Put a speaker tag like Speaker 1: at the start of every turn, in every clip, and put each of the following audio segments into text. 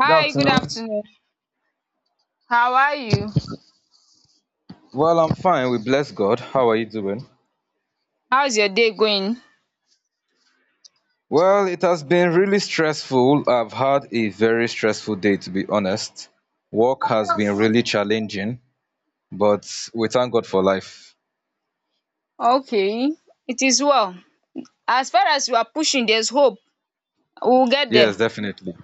Speaker 1: Good
Speaker 2: Hi, good
Speaker 1: afternoon.
Speaker 2: afternoon. How are you?
Speaker 1: Well, I'm fine. We bless God. How are you doing?
Speaker 2: How's your day going?
Speaker 1: Well, it has been really stressful. I've had a very stressful day, to be honest. Work has been really challenging, but we thank God for life.
Speaker 2: Okay, it is well. As far as you are pushing, there's hope. We will get
Speaker 1: Yes,
Speaker 2: there.
Speaker 1: definitely.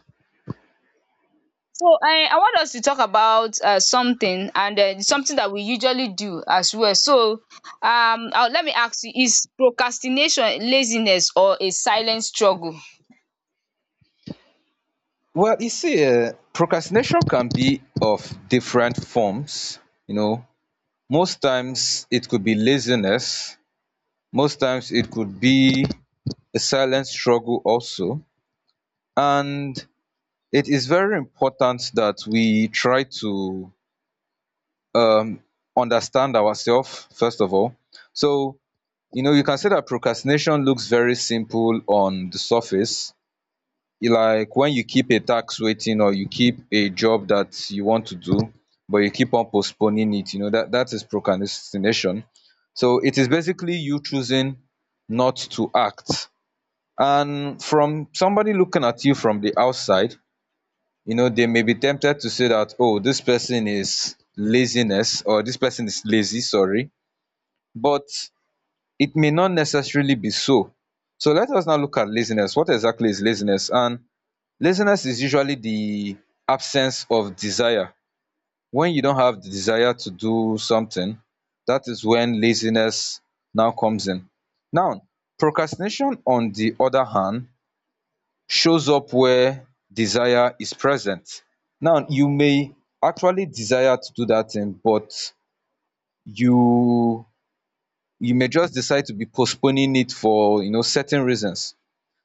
Speaker 2: So I want us to talk about something and something that we usually do as well. Let me ask you, is procrastination laziness or a silent struggle?
Speaker 1: Well, you see, procrastination can be of different forms. You know, most times it could be laziness, most times it could be a silent struggle, also. And it is very important that we try to um, understand ourselves first of all, so you know you can say that procrastination looks very simple on the surface, like when you keep a tax waiting or you keep a job that you want to do, but you keep on postponing it. You know that is procrastination. So it is basically you choosing not to act, and from somebody looking at you from the outside, you know, they may be tempted to say that, oh, this person is laziness, or this person is lazy, sorry, but it may not necessarily be so. So let us now look at laziness. What exactly is laziness? And laziness is usually the absence of desire. When you don't have the desire to do something, that is when laziness now comes in. Now procrastination, on the other hand, shows up where desire is present. Now you may actually desire to do that thing, but you you may just decide to be postponing it for, you know, certain reasons.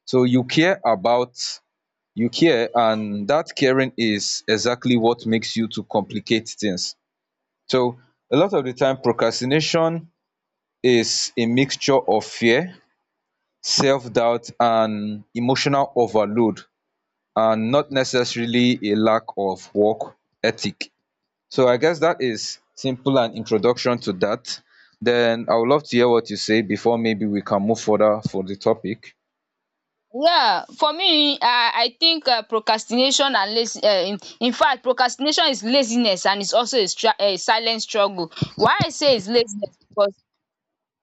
Speaker 1: So you care about, you care, and that caring is exactly what makes you to complicate things. So a lot of the time, procrastination is a mixture of fear, self-doubt and emotional overload, and not necessarily a lack of work ethic. So I guess that is simple an introduction to that. Then I would love to hear what you say before maybe we can move further for the topic.
Speaker 2: Yeah, for me, I think procrastination and lazy. In fact, procrastination is laziness and it's also a silent struggle. Why I say it's laziness, because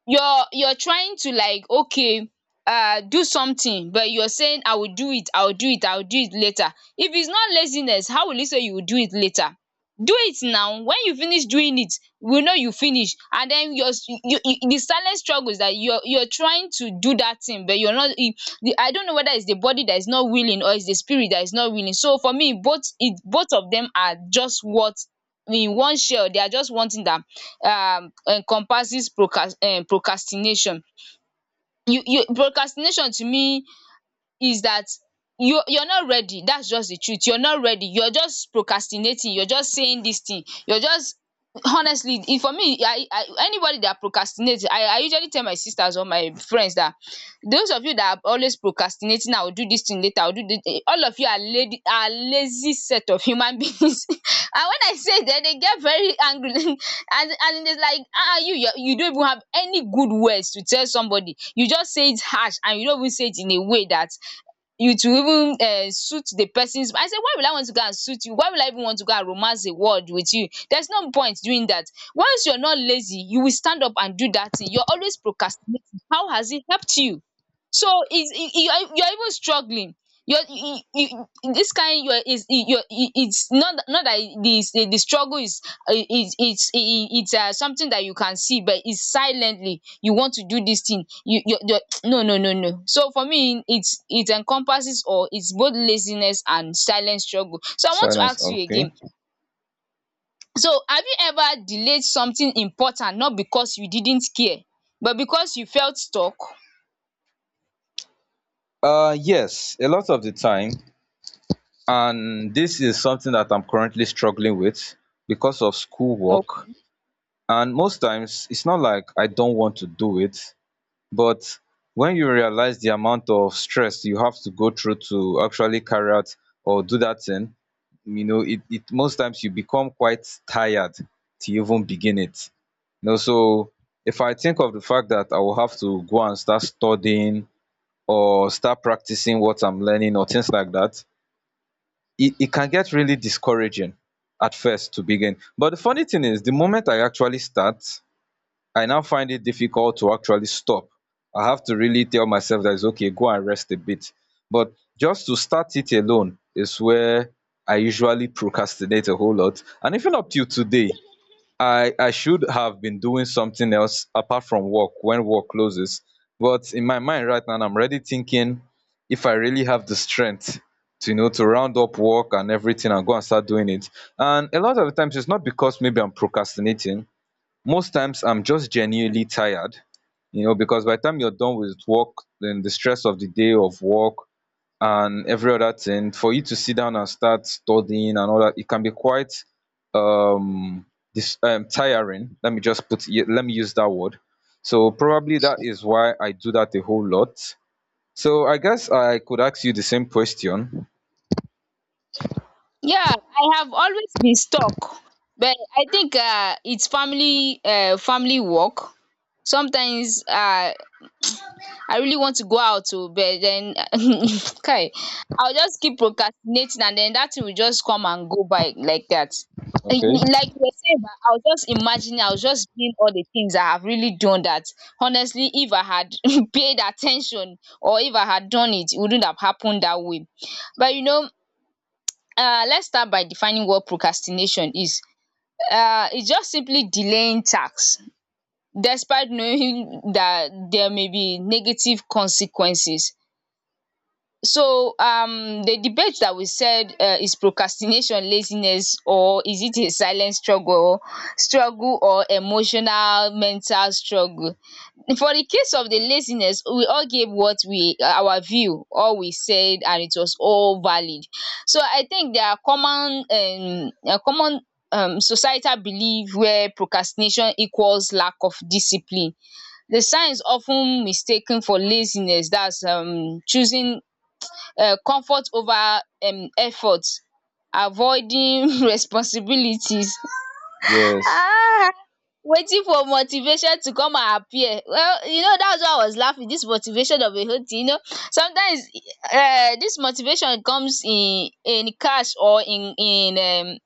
Speaker 2: you're trying to, like, okay, do something, but you're saying I will do it, I will do it, I will do it later. If it's not laziness, how will you say you will do it later? Do it now. When you finish doing it, we know you finish, and then you, the silent struggle is that you're trying to do that thing, but you're not I don't know whether it's the body that is not willing or it's the spirit that is not willing. So for me, both of them are just what, in one shell, they are just wanting that encompasses procrastination. You Procrastination to me is that you're not ready. That's just the truth. You're not ready. You're just procrastinating. You're just saying this thing. You're just honestly e for me I anybody that procrastinates, I usually tell my sisters or my friends that those of you that are always procrastinating, I will do this thing later, I will do this, all of you are lady are lazy set of human beings. And when I say that, they get very angry and it's like, ah, you don't even have any good words to tell somebody. You just say it harsh, and you don't even say it in a way that you to even suit the persons. I say, why will I want to go and suit you? Why will I even want to go and romance a word with you? There's no point doing that. Once you're not lazy, you will stand up and do that thing. You're always procrastinating. How has it helped you? So it's you're even struggling. You're, you- this kind you're, is you're, It's not, not that the struggle is, it's something that you can see, but it's silently you want to do this thing. No, no, no, no. So for me, it encompasses, or it's both laziness and silent struggle. So I want to
Speaker 1: Silence,
Speaker 2: ask you again,
Speaker 1: okay.
Speaker 2: so have you ever delayed something important, not because you didn't care, but because you felt stuck?
Speaker 1: Yes, a lot of the time, and this is something that I'm currently struggling with because of schoolwork. And most times it's not like I don't want to do it, but when you realise the amount of stress you have to go through to actually carry out or do that thing, you know, it most times you become quite tired to even begin it, you know. So if I think of the fact that I will have to go and start studying or start practicing what I'm learning or things like that, it can get really discouraging at first to begin, but the funny thing is the moment I actually start, I now find it difficult to actually stop. I have to really tell myself that it's okay, go and rest a bit. But just to start it alone is where I usually procrastinate a whole lot. And even up till today, I should have been doing something else apart from work when work closes, but in my mind right now I'm already thinking if I really have the strength to, you know, to round up work and everything and go and start doing it. And a lot of the times, it's not because maybe I'm procrastinating. Most times I'm just genuinely tired, you know, because by the time you're done with work, then the stress of the day of work and every other thing, for you to sit down and start studying and all that, it can be quite, um this tiring, let me just put it, let me use that word. So probably that is why I do that a whole lot. So I guess I could ask you the same question.
Speaker 2: Yeah, I have always been stuck, but I think it's family work. Sometimes, I really want to go out to, but then okay, I'll just keep procrastinating, and then that thing will just come and go by like that. I
Speaker 1: Okay.
Speaker 2: mean, like you said, I was just imagining, I was just doing all the things I have really done that. Honestly, if I had paid attention, or if I had done it, it wouldn't have happened that way. But you know, let's start by defining what procrastination is. It's just simply delaying tasks despite knowing that there may be negative consequences. So the debate that we said is procrastination laziness or is it a silent struggle or emotional mental struggle. For the case of the laziness, we all gave what we, our view, all we said, and it was all valid. So I think there are common a common societal belief where procrastination equals lack of discipline. The signs of ten mistaken for laziness, that's choosing comfort over effort, avoiding responsibilities.
Speaker 1: yes
Speaker 2: Ah! Waiting for motivation to come and appear. Well, you know, that's why I was laughing. This motivation of a whole. You know, sometimes this motivation comes in cash or in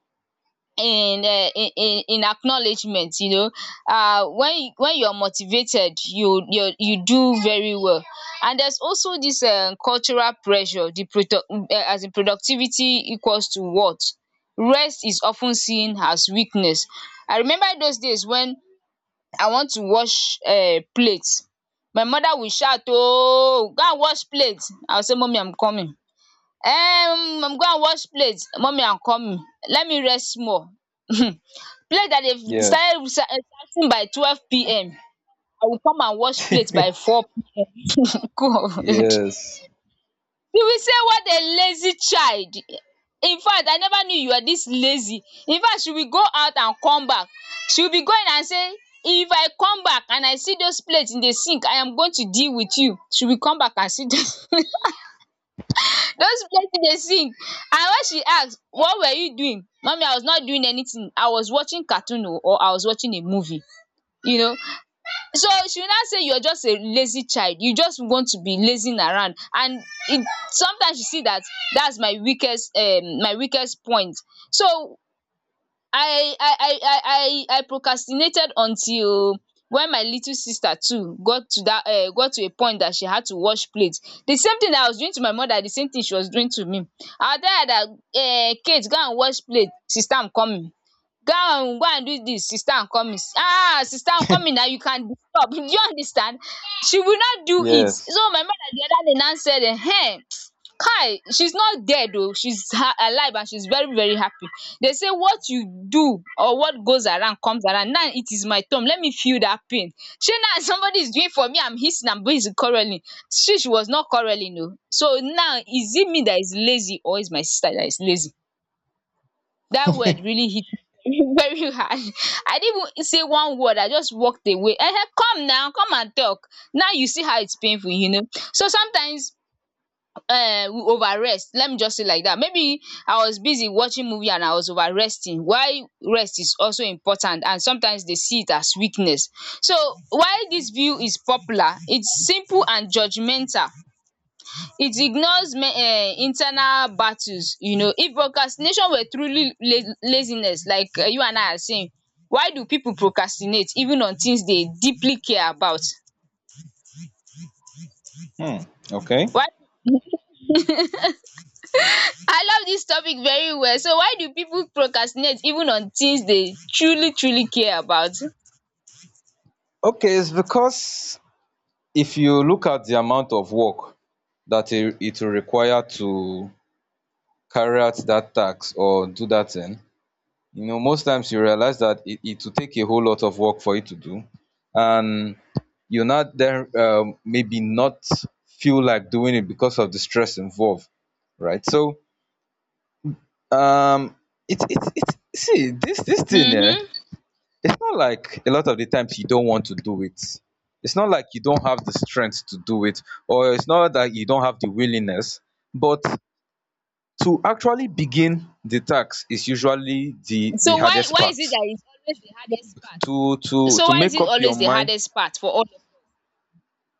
Speaker 2: in um in acknowledgement, you know. When when you are motivated, you do very well. And there's also this cultural pressure, the produ as in productivity equals to what? Rest is often seen as weakness. I remember those days when I want to wash plate, my mother will shout, "Oh, go and wash plates!" I will say, "Mommy, I'm coming, I'm going to wash plate." "Mommy, I'm coming, let me rest more." Plate that they've
Speaker 1: yes
Speaker 2: started reciting by 12 p.m., I will come and wash plate by 4 p.m. God,
Speaker 1: yes
Speaker 2: you will say, what a lazy child! In fact, I never knew you were this lazy. In fact, she will go out and come back. She will be going and say, if I come back and I see those plates in the sink, I am going to deal with you. She will come back and see those those plate in the sink. And when she asks, what were you doing, mommy? I was not doing anything, I was watching cartoon oo, or I was watching a movie. You know. So she will now say, you're just a lazy child. You just want to be lazing around. And it, sometimes you see that that's my weakest point. So I I I I I procrastinated until when my little sister too got to that got to a point that she had to wash plates. The same thing that I was doing to my mother, the same thing she was doing to me. I will tell her that, um, Kate, go and wash plate. Sister, I'm coming. Go and go and do this, Sister and Nkummi. Ah, Sister Nkummi, now you can disturb. Do you understand? She will not do it.
Speaker 1: yes
Speaker 2: So my mother the other day now said, eh, hey, Kai, she's not dead though. Alive and she's very, very happy. They say what you do, or what goes around comes around. Now it is my turn. Let me feel that pain. She now somebody is doing for me. I'm hissing and busy quarreling. She was not quarreling, no. So now, is it me that is lazy or is my sister that is lazy? That word really hit me very hard. I didn't even say one word. I just walked away. Ehen, come now, come and talk. Now you see how it's painful, you know. So sometimes we over rest. Let me just say like that. Maybe I was busy watching movie and I was over resting. Why rest is also important, and sometimes they see it as weakness. So why this view is popular, it's simple and judgemental. It ignores internal battles, you know. If procrastination were truly laziness, like, eh, you and I are saying, why do people procrastinate even on things they deeply care about?
Speaker 1: Hmm. Okay.
Speaker 2: Why, I love this topic very well. So why do people procrastinate even on things they truly, truly care about?
Speaker 1: Okay, it's because if you look at di amount of work that it will require to carry out dat task or do dat thing, you know, most times you realize that it will take a whole lot of work for you to do. And you now den, maybe not feel like doing it because of the stress involved, right? So um it see this thing here.
Speaker 2: Mhm.
Speaker 1: It's not like a lot of the times you don't want to do it. It's not like you don't have the strength to do it, or it's not that you don't have the willingness, but to actually begin the task is usually the
Speaker 2: So why
Speaker 1: hardest
Speaker 2: why is it
Speaker 1: part.
Speaker 2: that it's always the hardest part?
Speaker 1: To to
Speaker 2: So
Speaker 1: to
Speaker 2: why is
Speaker 1: make
Speaker 2: it
Speaker 1: up your
Speaker 2: always the
Speaker 1: mind,
Speaker 2: hardest part for all? Of?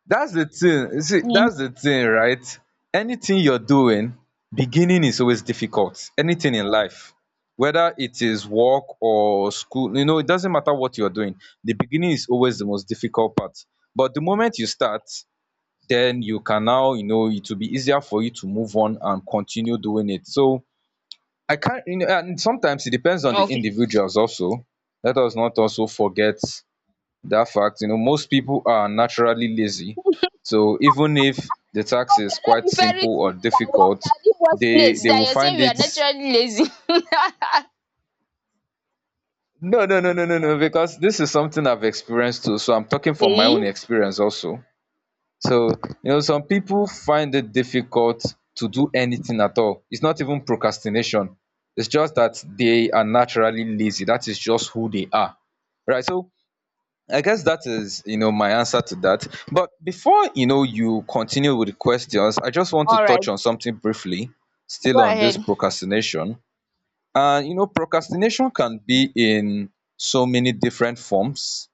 Speaker 1: that's the thing. You see, that's
Speaker 2: Mm.
Speaker 1: the thing, right? Anything you're doing, beginning is always difficult. Anything in life, whether it is work or school, you know, it doesn't matter what you're doing, the beginning is always the most difficult part. But the moment you start, then you can now, you know, it will be easier for you to move on and continue doing it. So I can't, you know, and sometimes it depends on the
Speaker 2: Okay.
Speaker 1: individuals also. Let us not also forget that fact. You know, most people are naturally lazy, so even if the task
Speaker 2: Hope you're
Speaker 1: is
Speaker 2: not
Speaker 1: quite
Speaker 2: referring
Speaker 1: simple
Speaker 2: to
Speaker 1: or
Speaker 2: me that
Speaker 1: difficult,
Speaker 2: that leave workplace,
Speaker 1: they
Speaker 2: that
Speaker 1: will
Speaker 2: you're saying
Speaker 1: find
Speaker 2: we are
Speaker 1: it.
Speaker 2: naturally lazy.
Speaker 1: No, no, no, no, no, no, because this is something I've experienced too, so I'm talking from my own
Speaker 2: Okay.
Speaker 1: experience also. So you know, some people find it difficult to do anything at all. It's not even procrastination, it's just that they are naturally lazy. That is just who they are, right? So I guess that is, you know, my answer to that. But before, you know, you continue with the questions, I just want to
Speaker 2: All right.
Speaker 1: touch on something briefly,
Speaker 2: Go
Speaker 1: still on this
Speaker 2: ahead.
Speaker 1: procrastination. And, you know, procrastination can be in so many different forms.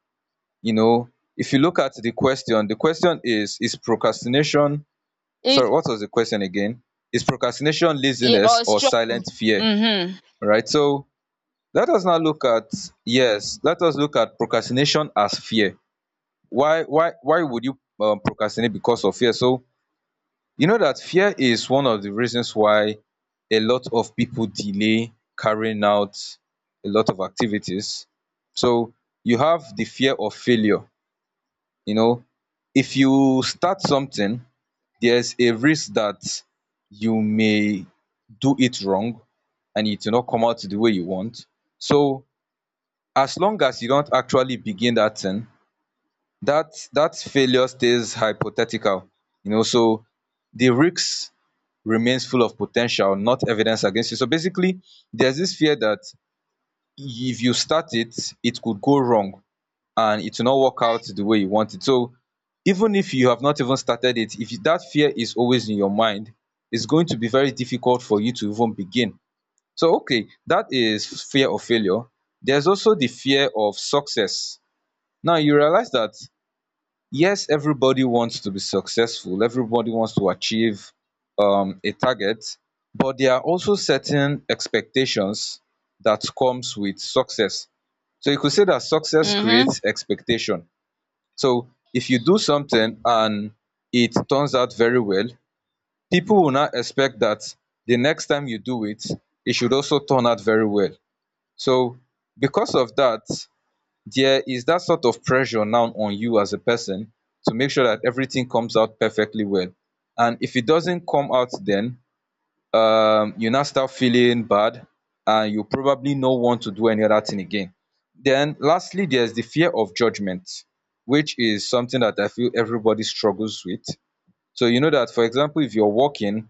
Speaker 1: You know, if you look at the question is procrastination, sorry,
Speaker 2: If,
Speaker 1: what was the question again? Is procrastination
Speaker 2: yeah,
Speaker 1: laziness
Speaker 2: or
Speaker 1: or
Speaker 2: struggle.
Speaker 1: silent fear?
Speaker 2: Mm-hmm.
Speaker 1: All right. So let us now look at, yes, let us look at procrastination as fear. Why would you, procrastinate because of fear? So you know that fear is one of the reasons why a lot of people delay carrying out a lot of activities. So you have the fear of failure. You know, if you start something, there's a risk that you may do it wrong and it will not come out the way you want. So as long as you don't actually begin that thing, that failure stays hypothetical, you know. So the risk remains full of potential, not evidence against you. So basically, there's this fear that if you start it, it could go wrong and it will not work out the way you want it. So even if you have not even started it, if that fear is always in your mind, it's going to be very difficult for you to even begin. So okay, that is fear of failure. There's also the fear of success. Now you realize that, yes, everybody wants to be successful, everybody wants to achieve a target, but there are also certain expectations that comes with success. So you could say that success
Speaker 2: Mm-hmm.
Speaker 1: creates expectation. So if you do something and it turns out very well, people will not expect that the next time you do it, it should also turn out very well. So because of that, there is that sort of pressure now on you as a person to make sure that everything comes out perfectly well, and if it doesn't come out, then you now start feeling bad and you probably no want to do any other thing again. Then lastly, there's the fear of judgment, which is something that I feel everybody struggles with. So you know that, for example, if you're working,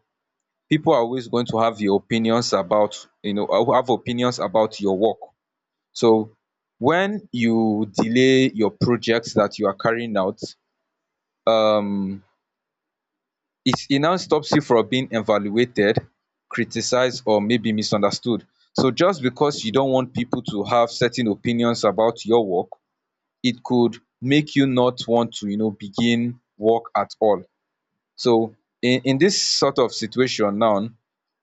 Speaker 1: people are always going to have your opinions about, you know, have opinions about your work. So when you delay your projects that you are carrying out, um, it now stops you from being evaluated, criticized, or maybe misunderstood. So just because you don't want people to have certain opinions about your work, it could make you not want to, you know, begin work at all. So in this sort of situation now,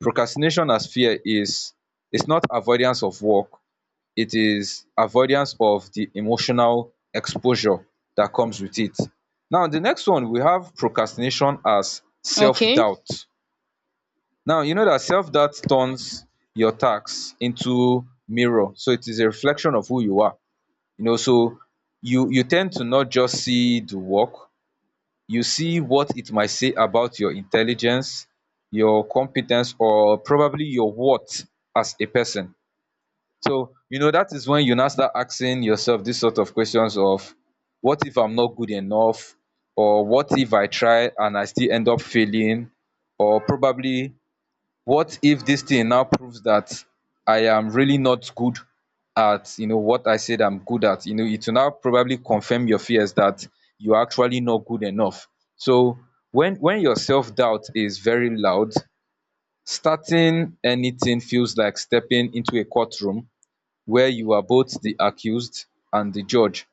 Speaker 1: procrastination as fear is, it's not avoidance of work, it is avoidance of the emotional exposure that comes with it. Now the next one we have procrastination as
Speaker 2: Okay.
Speaker 1: self-doubt. Now you know that self-doubt turns your tasks into mirror. So it is a reflection of who you are. You know, so you tend to not just see the work, you see what it might say about your intelligence, your competence, or probably your worth as a person. So, you know, that is when you now start asking yourself these sort of questions of, what if I'm not good enough? Or what if I try and I still end up failing? Or probably, what if this thing now proves that I am really not good at, you know, what I said I'm good at? You know, it will now probably confirm your fears that you're actually not good enough. So when your self-doubt is very loud, starting anything feels like stepping into a courtroom where you are both the accused and the judge.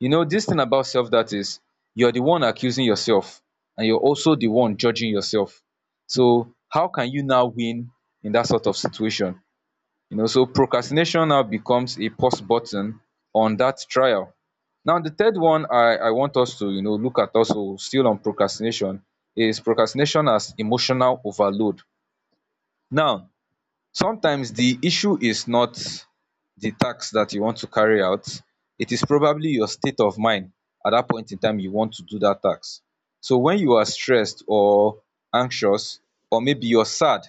Speaker 1: You know, this thing about self, that is, you're the one accusing yourself and you're also the one judging yourself. So how can you now win in that sort of situation? You know, so procrastination now becomes a pause button on that trial. Now, the third one I want us to, you know, look at, also still on procrastination, is procrastination as emotional overload. Now, sometimes the issue is not the task that you want to carry out, it is probably your state of mind at that point in time you want to do that task. So when you are stressed or anxious, or maybe you're sad,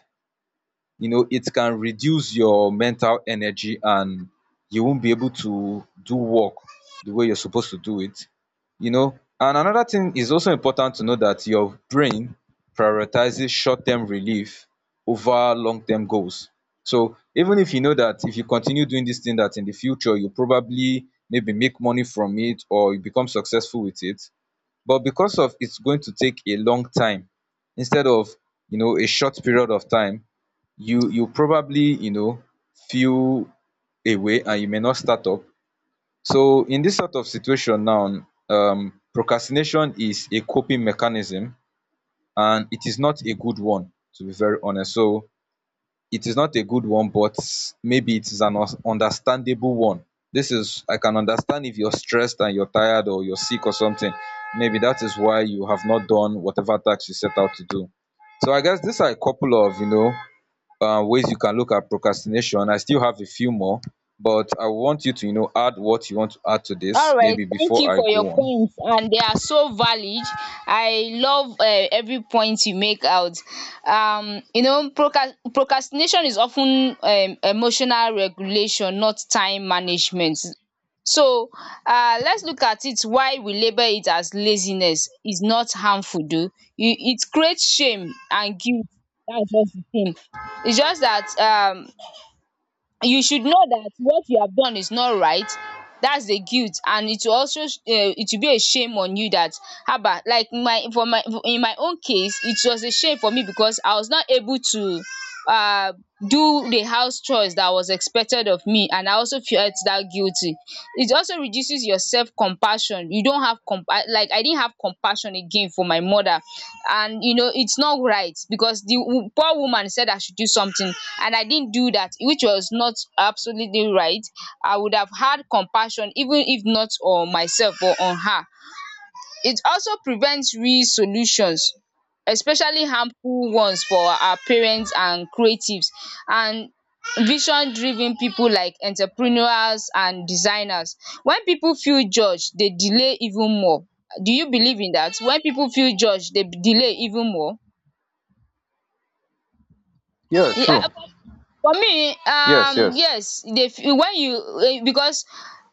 Speaker 1: you know, it can reduce your mental energy, and you won't be able to do work the way you're supposed to do it, you know. And another thing is also important to know, that your brain prioritizes short-term relief over long-term goals. So even if you know that if you continue doing this thing, that in the future you probably maybe make money from it or you become successful with it, but because of it's going to take a long time instead of, you know, a short period of time, you probably, you know, feel away, and you may not start up. So in this sort of situation now, procrastination is a coping mechanism, and it is not a good one, to be very honest. So it is not a good one, but maybe it is an understandable one. This is, I can understand if you're stressed and you're tired or you're sick or something, maybe that is why you have not done whatever task you set out to do. So I guess these are a couple of, you know, ways you can look at procrastination. I still have a few more, but I want you to, you know, add what you want to add to this
Speaker 2: All right,
Speaker 1: maybe
Speaker 2: thank
Speaker 1: before
Speaker 2: you
Speaker 1: I
Speaker 2: for your
Speaker 1: go on.
Speaker 2: points, and they are so valid. I love every point you make out. You know, procrastination is often emotional regulation, not time management. So, let's look at it. Why we label it as laziness is not harmful, though. You? It creates shame and guilt. That's just the thing. It's just that, you should know that what you have done is not right. That's the guilt. And it will also, it will be a shame on you that, haba, like my, for my, in my own case, it was a shame for me because I was not able to uh do the house chores that was expected of me, and I also felt that guilty. It also reduces your self compassion. You don't have comp, like I didn't have compassion again for my mother. And you know it's not right, because the poor woman said I should do something and I didn't do that, which was not absolutely right. I would have had compassion even if not on myself, or on her. It also prevents re-solutions, especially harmful ones, for our parents and creatives, and vision driven people like entrepreneurs and designers. When people feel judged, they delay even more. Do you believe in that? When people feel judged, they delay even more?
Speaker 1: Yeah,
Speaker 2: Yeah,
Speaker 1: true.
Speaker 2: for me
Speaker 1: Yes, yes.
Speaker 2: yes e dey when you because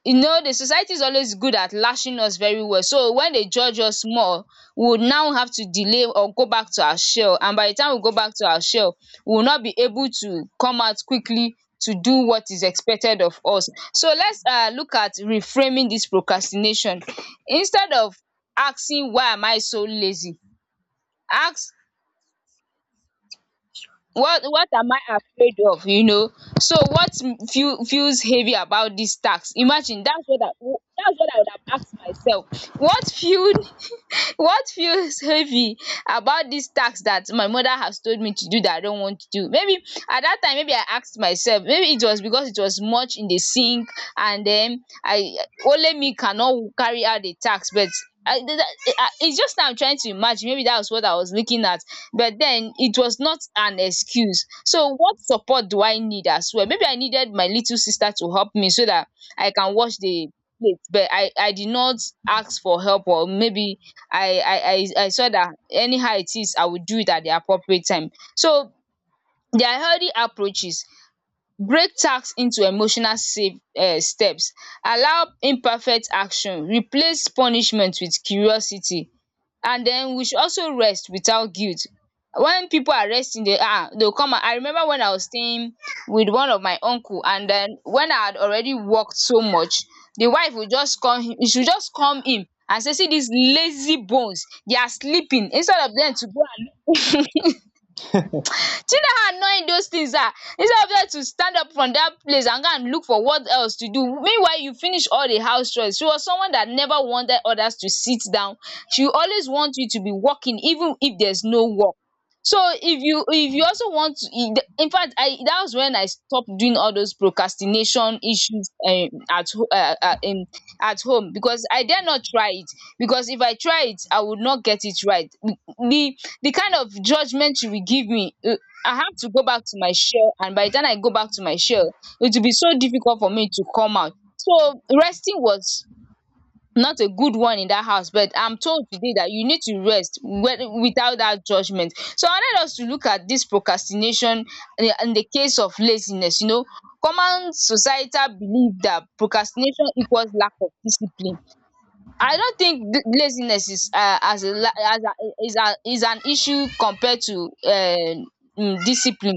Speaker 2: you know the society is always good at lashing us very well, so when dey judge us more, we would now have to delay or go back to our shell, and by the time we go back to our shell we will not be able to come out quickly to do what is expected of us. So let's look at reframing this procrastination. Instead of asking why am I so lazy, ask what am I afraid of? You know, so what feels heavy about this tax? Imagine, that's what I would have asked myself. what feel what feels heavy about this task that my mother has told me to do that I don't want to do? Maybe at that time, maybe I asked myself, maybe it was because it was much in the sink, and then I, only me, cannot carry out the task. But I th- th- I- it's just now I'm trying to imagine, maybe that was what I was looking at, but then it was not an excuse. So what support do I need as well? Maybe I needed my little sister to help me so that I can wash the plate, but I did not ask for help. Or maybe I saw that anyhow it is, I will do it at the appropriate time. So their healthy approaches: break tasks into emotional safe steps, allow imperfect action, replace punishment with curiosity, and then we should also rest without guilt. When people are resting, they they will come. I remember when I was staying with one of my uncle, and then when I had already worked so much, the wife would just come, she should just come in and say, see these lazy bones, they are sleeping instead of them to go and do. You know how annoying those things are. Instead of her to stand up from that place and go and look for what else to do, meanwhile you finish all the house chores. She was someone that never wanted others to sit down. She always want you to be working even if there's no work. So if you also want to, in fact I, that was when I stopped doing all those procrastination issues at home, because I dare not try it. Because if I try it I would not get it right. The kind of judgement she will give me, I have to go back to my shell, and by the time I go back to my shell it will be so difficult for me to come out. So resting was not a good one in that house, but I'm told today that you need to rest without that judgement. So I wanted us to look at this procrastination, in the case of laziness, you know. Common societal belief that procrastination equals lack of discipline. I don't think laziness is as a la as a is an issue compared to discipline.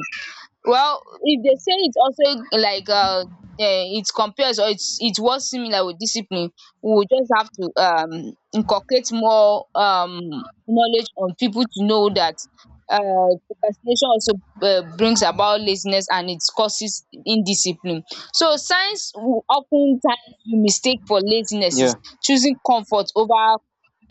Speaker 2: Well, if they say it's also like it compares, or it's, it was similar with discipline, we will just have to inculcate more knowledge on people to know that procrastination also brings about laziness and it causes indiscipline. So science will often times you mistake for laziness is
Speaker 1: Yeah.
Speaker 2: choosing comfort over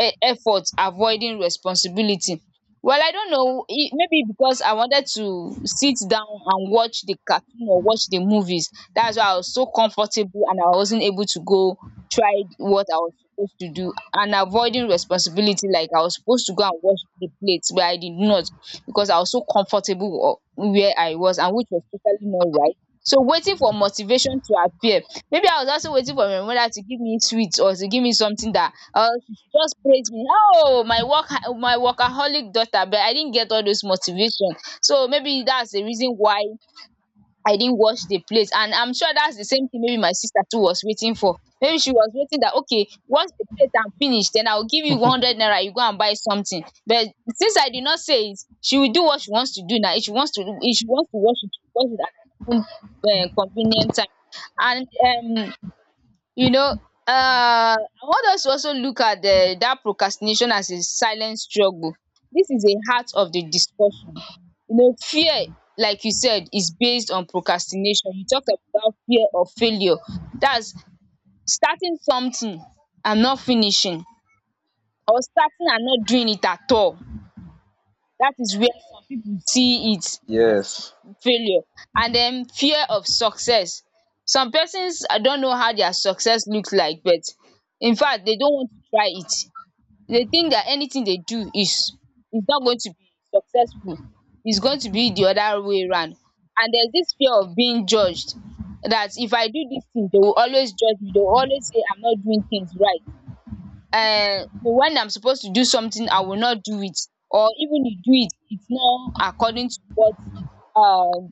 Speaker 2: effort, avoiding responsibility. Well, I don't know. It, maybe because I wanted to sit down and watch the cartoon or watch the movies, that's why I was so comfortable and I wasn't able to go try what I was supposed to do. And avoiding responsibility, like I was supposed to go and wash the plates, but I did not because I was so comfortable where I was, and which was totally not right. So waiting for motivation to appear. Maybe I was also waiting for my mother to give me sweets or to give me something, that I, just praise me, oh my work, my workaholic daughter, but I didn't get all those motivation. So maybe that's the reason why I didn't wash the plate, and I'm sure that's the same thing. Maybe my sister too was waiting for, maybe she was waiting that, okay, once the plate am finish then I will give you 100 naira, you go and buy something. But since I did not say it, she will do what she wants to do. Now if she wants to, if she wants to wash it, she will wash it at her own convenient time. And you know, I want us to also look at that procrastination as a silent struggle. This is a heart of the discussion. You know, fear, like you said, is based on procrastination. You talked about fear of failure. That's starting something and not finishing, or starting and not doing it at all. That is where some people see it as
Speaker 1: Yes.
Speaker 2: failure. And then fear of success. Some persons, I don't know how their success looks like, but in fact they don't want to try it. They think that anything they do is not going to be successful, it's going to be the other way round. And there's this fear of being judged, that if I do this thing they will always judge me, they will always say I'm not doing things right. When I'm supposed to do something I will not do it, or even if do it, it's not according to what uh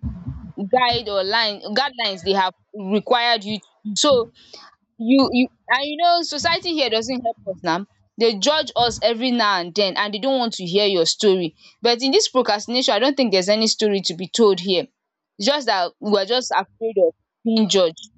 Speaker 2: guide or line guidelines they have required you to do. So you and you know, society here doesn't help us now. They judge us every now and then, and they don't want to hear your story. But in this procrastination I don't think there's any story to be told here. It's just that we are just afraid of being judged.